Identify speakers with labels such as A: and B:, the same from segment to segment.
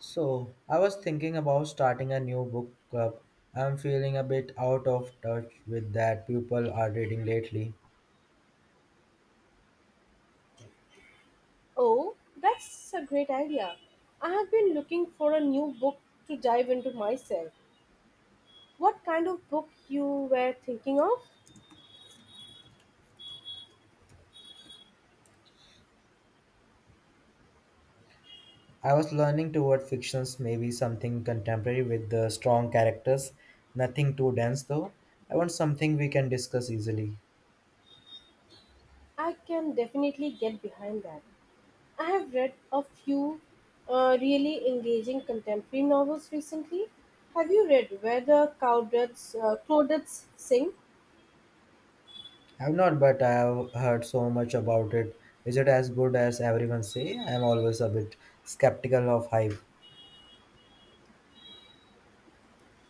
A: So, I was thinking about starting a new book club. I'm feeling a bit out of touch with that people are reading lately.
B: Oh, that's a great idea. I have been looking for a new book to dive into myself. What kind of book you were thinking of?
A: I was learning toward fictions, maybe something contemporary with the strong characters, nothing too dense though. I want something we can discuss easily.
B: I can definitely get behind that. I have read a few really engaging contemporary novels recently. Have you read Where the Crawdads Sing?
A: I've not, but I've heard so much about it. Is it as good as everyone say? I'm always a bit skeptical of hype.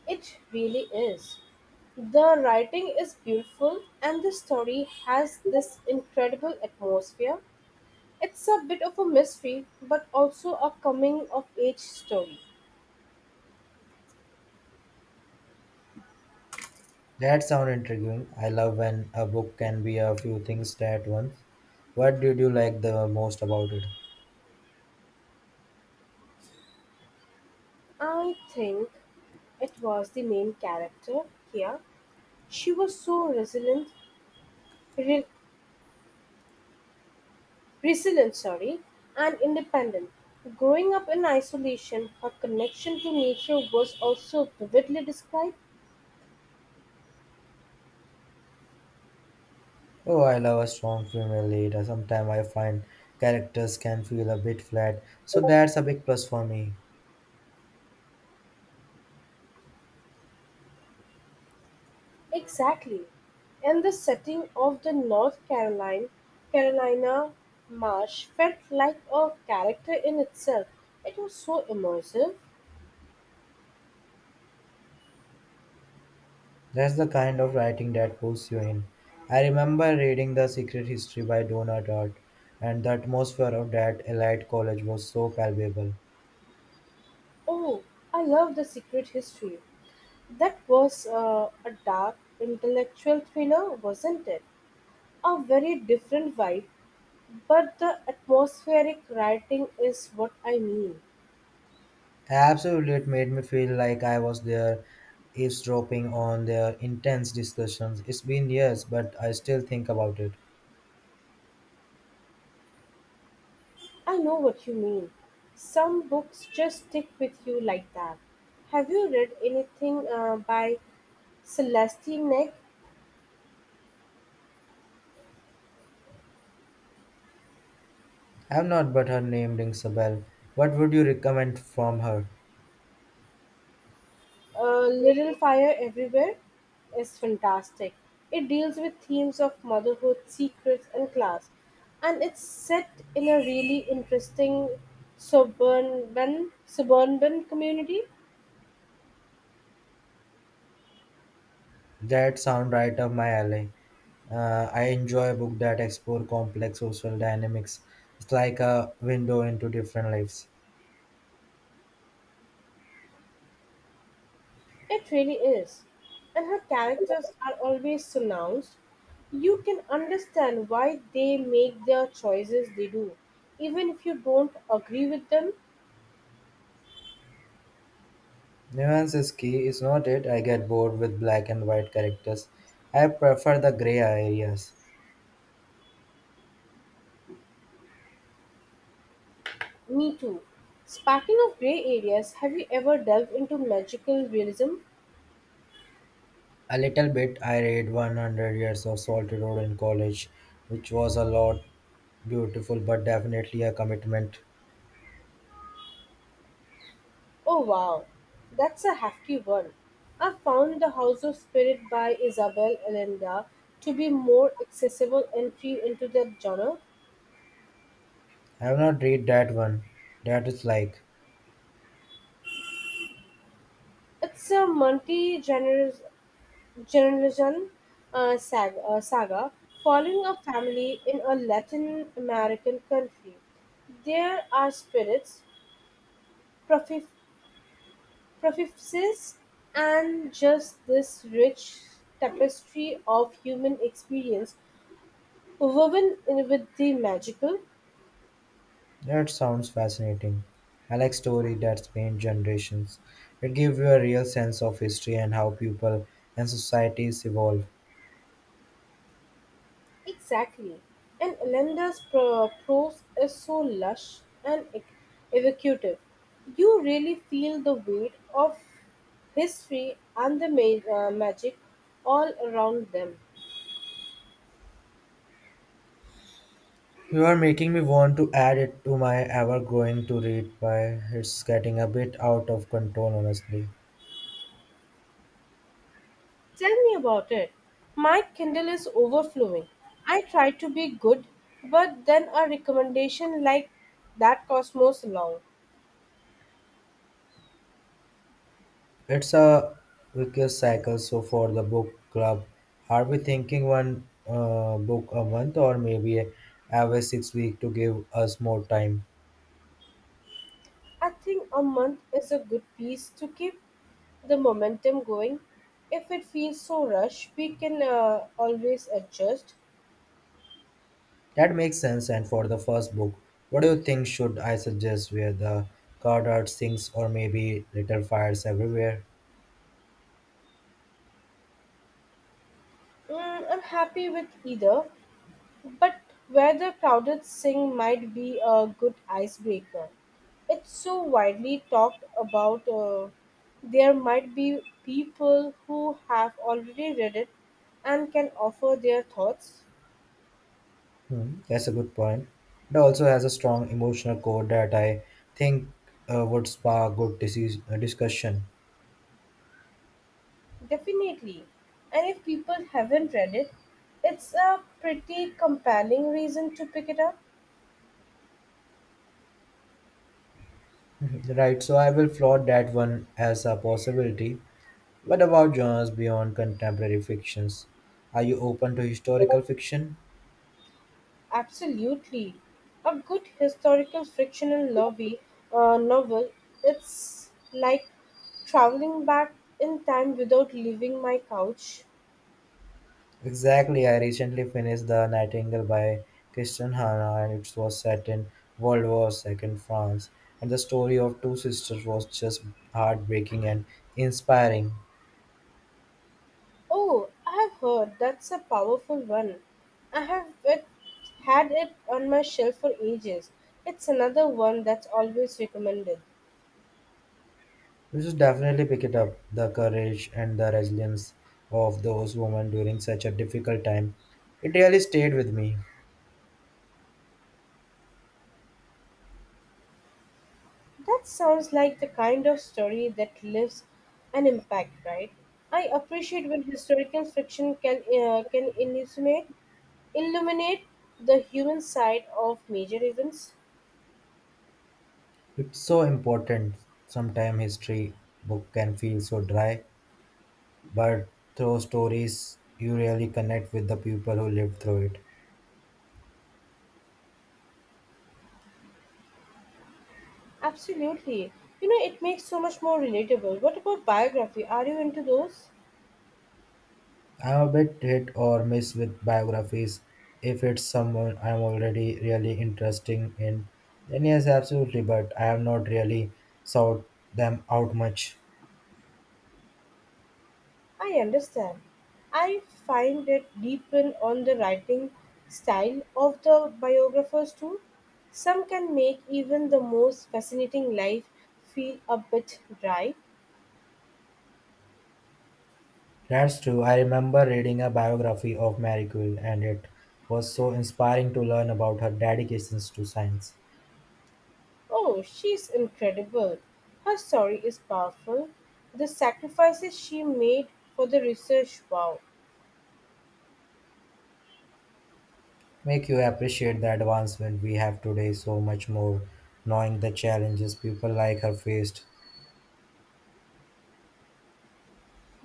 B: It really is. The writing is beautiful and the story has this incredible atmosphere. It's a bit of a mystery, but also a coming of age story.
A: That sounds intriguing. I love when a book can be a few things at once. What did you like the most about it?
B: I think it was the main character, here. She was so re- resilient, sorry, and independent. Growing up in isolation, her connection to nature was also vividly described.
A: Oh, I love a strong female lead. Sometimes I find characters can feel a bit flat, so that's a big plus for me.
B: Exactly. And the setting of the Carolina marsh felt like a character in itself. It was so immersive.
A: That's the kind of writing that pulls you in. I remember reading The Secret History by Donna Tartt, and the atmosphere of that elite college was so palpable.
B: Oh, I love The Secret History. That was a dark intellectual thriller, wasn't it? A very different vibe, but the atmospheric writing is what I mean.
A: Absolutely, it made me feel like I was there, eavesdropping on their intense discussions. It's been years, but I still think about it.
B: I know what you mean. Some books just stick with you like that. Have you read anything by Celestine Neck?
A: I have not, but her name rings a bell. What would you recommend from her?
B: Little Fire Everywhere is fantastic. It deals with themes of motherhood, secrets, and class. And it's set in a really interesting suburban community.
A: That sound right up my alley. I enjoy a book that explore complex social dynamics. It's like a window into different lives.
B: It really is. And her characters are always pronounced. You can understand why they make their choices they do, even if you don't agree with them.
A: Nuance is key, is not it? I get bored with black and white characters. I prefer the gray areas.
B: Me too. Speaking of grey areas, have you ever delved into magical realism?
A: A little bit. I read 100 Years of Salty Road in college, which was a lot beautiful but definitely a commitment.
B: Oh wow, that's a hefty one. I found The House of Spirit by Isabel Allende to be more accessible entry into the genre.
A: I have not read that one. That is like.
B: It's a multi-generation saga following a family in a Latin American country. There are spirits, prophe- prophecies, and just this rich tapestry of human experience woven in with the magical.
A: That sounds fascinating. I like story that spans generations. It gives you a real sense of history and how people and societies evolve.
B: Exactly. And prose is so lush and evocative. You really feel the weight of history and the magic all around them.
A: You are making me want to add it to my ever growing to read by it's getting a bit out of control honestly.
B: Tell me about it. My Kindle is overflowing. I try to be good, but then a recommendation like that costs most long.
A: It's a vicious cycle. So for the book club, are we thinking one book a month or maybe every 6 weeks to give us more time?
B: I think a month is a good piece to keep the momentum going. If it feels so rushed, we can always adjust.
A: That makes sense. And for the first book, what do you think should I suggest? Where the card art sings or maybe little fires everywhere?
B: Mm, I'm happy with either, but where the crowded sing might be a good icebreaker. It's so widely talked about. There might be people who have already read it and can offer their thoughts.
A: Hmm, that's a good point. It also has a strong emotional core that I think would spark good discussion.
B: Definitely. And if people haven't read it, it's a pretty compelling reason to pick it up.
A: Mhm. Right, so I will float that one as a possibility. What about genres beyond contemporary fictions? Are you open to historical fiction?
B: Absolutely. A good historical fictional novel it's like traveling back in time without leaving my couch.
A: Exactly, I recently finished The Nightingale by Christian Hannah and it was set in World War II France and the story of two sisters was just heartbreaking and inspiring.
B: Oh, I have heard that's a powerful one. I have it, had it on my shelf for ages. It's another one that's always recommended.
A: You should definitely pick it up. The courage and the resilience of those women during such a difficult time. It really stayed with me.
B: That sounds like the kind of story that leaves an impact, right? I appreciate when historical fiction can illuminate illuminate the human side of major events.
A: It's so important. Sometimes history book can feel so dry but through stories you really connect with the people who lived through it.
B: Absolutely. You know, it makes so much more relatable. What about biography? Are you into those?
A: I'm a bit hit or miss with biographies. If it's someone I'm already really interesting in, then yes, absolutely, but I have not really sought them out much.
B: I understand. I find it depend on the writing style of the biographers too. Some can make even the most fascinating life feel a bit dry.
A: That's true. I remember reading a biography of Marie Curie, and it was so inspiring to learn about her dedications to science.
B: Oh, she's incredible. Her story is powerful. The sacrifices she made for the research, wow.
A: Make you appreciate the advancement we have today so much more, knowing the challenges people like her faced.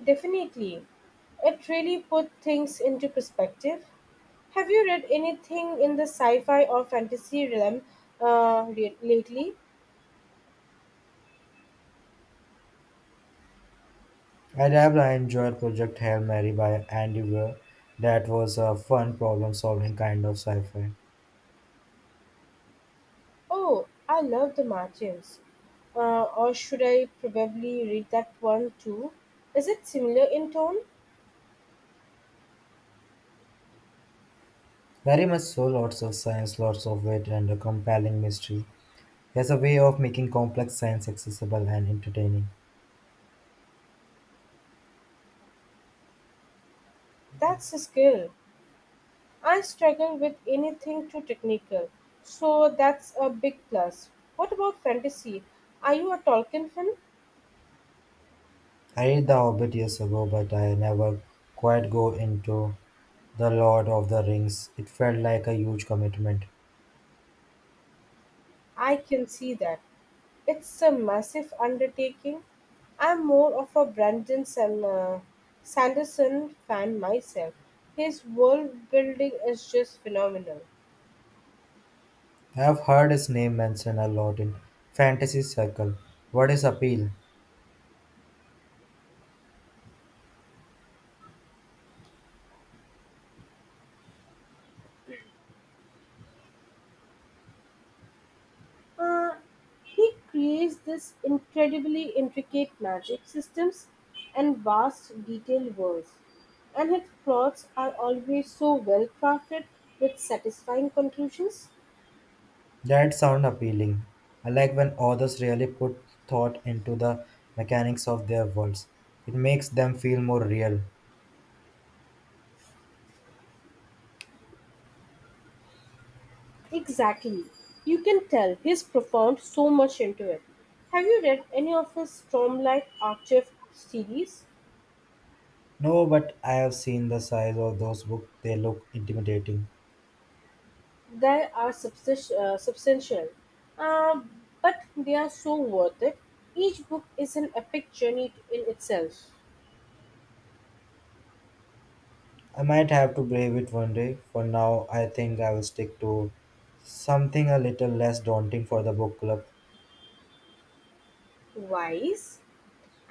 B: Definitely. It really put things into perspective. Have you read anything in the sci-fi or fantasy realm lately?
A: I enjoyed Project Hail Mary by Andy Weir. That was a fun problem solving kind of sci fi.
B: Oh, I love the Martins. Or should I probably read that one too? Is it similar in tone?
A: Very much so, lots of science, lots of wit, and a compelling mystery. He has a way of making complex science accessible and entertaining.
B: That's a skill. I struggle with anything too technical, so that's a big plus. What about fantasy? Are you a Tolkien fan?
A: I read The Hobbit years ago, but I never quite go into The Lord of the Rings. It felt like a huge commitment.
B: I can see that. It's a massive undertaking. I'm more of a Sanderson fan myself. His world building is just phenomenal.
A: I have heard his name mentioned a lot in fantasy circle. What is appeal?
B: Uh, he creates this incredibly intricate magic systems and vast, detailed worlds, and his plots are always so well crafted with satisfying conclusions.
A: That sounds appealing. I like when authors really put thought into the mechanics of their worlds. It makes them feel more real.
B: Exactly. You can tell he's profound so much into it. Have you read any of his Stormlight Archive series?
A: No, but I have seen the size of those books. They look intimidating.
B: They are substantial, uh, but they are so worth it. Each book is an epic journey in itself.
A: I might have to brave it one day. For now, I think I will stick to something a little less daunting for the book club.
B: Wise.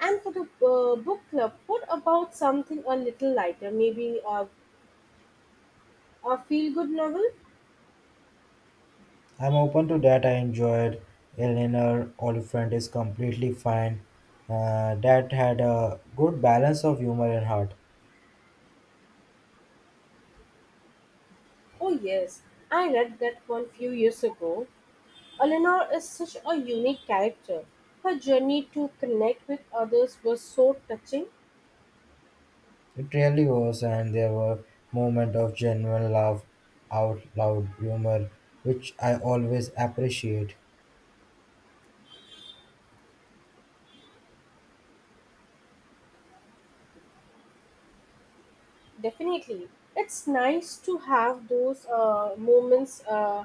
B: And for the book club, what about something a little lighter, maybe a feel good novel?
A: I'm open to that. I enjoyed Eleanor Oliphant is completely fine. That had a good balance of humor and heart.
B: Oh, yes, I read that one few years ago. Eleanor is such a unique character. Her journey to connect with others was so touching.
A: It really was, and there were moments of genuine laugh out loud humor, which I always appreciate.
B: Definitely, it's nice to have those moments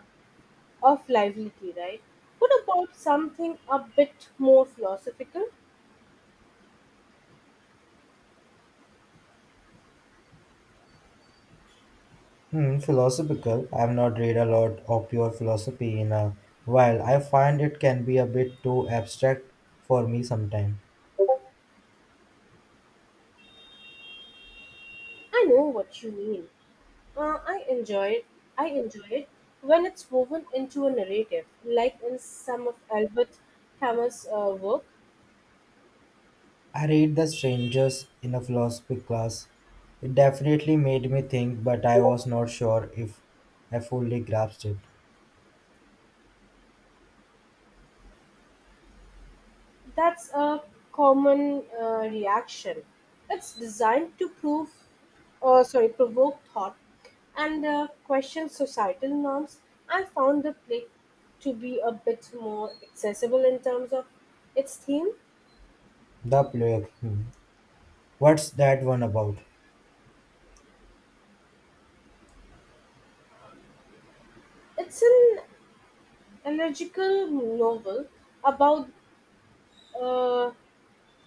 B: of livelihood, right? What about something a bit more philosophical?
A: Hmm, philosophical. I've not read a lot of pure philosophy in a while. I find it can be a bit too abstract for me sometimes.
B: I know what you mean. Uh, I enjoy it. I enjoy it when it's woven into a narrative, like in some of Albert Camus' work.
A: I read The Strangers in a philosophy class. It definitely made me think, but I was not sure if I fully grasped it.
B: That's a common reaction. It's designed to provoke thought and question societal norms. I found the play to be a bit more accessible in terms of its theme.
A: The plague. Hmm. What's that one about?
B: It's an allergical novel about uh,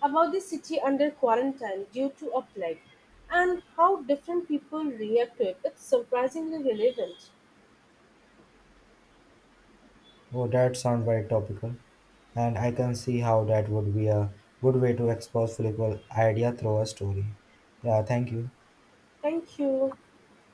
B: about the city under quarantine due to a plague and how different people react to it. It's surprisingly relevant.
A: Oh, that sounds very topical, and I can see how that would be a good way to expose political idea through a story. Yeah, thank you.
B: Thank you.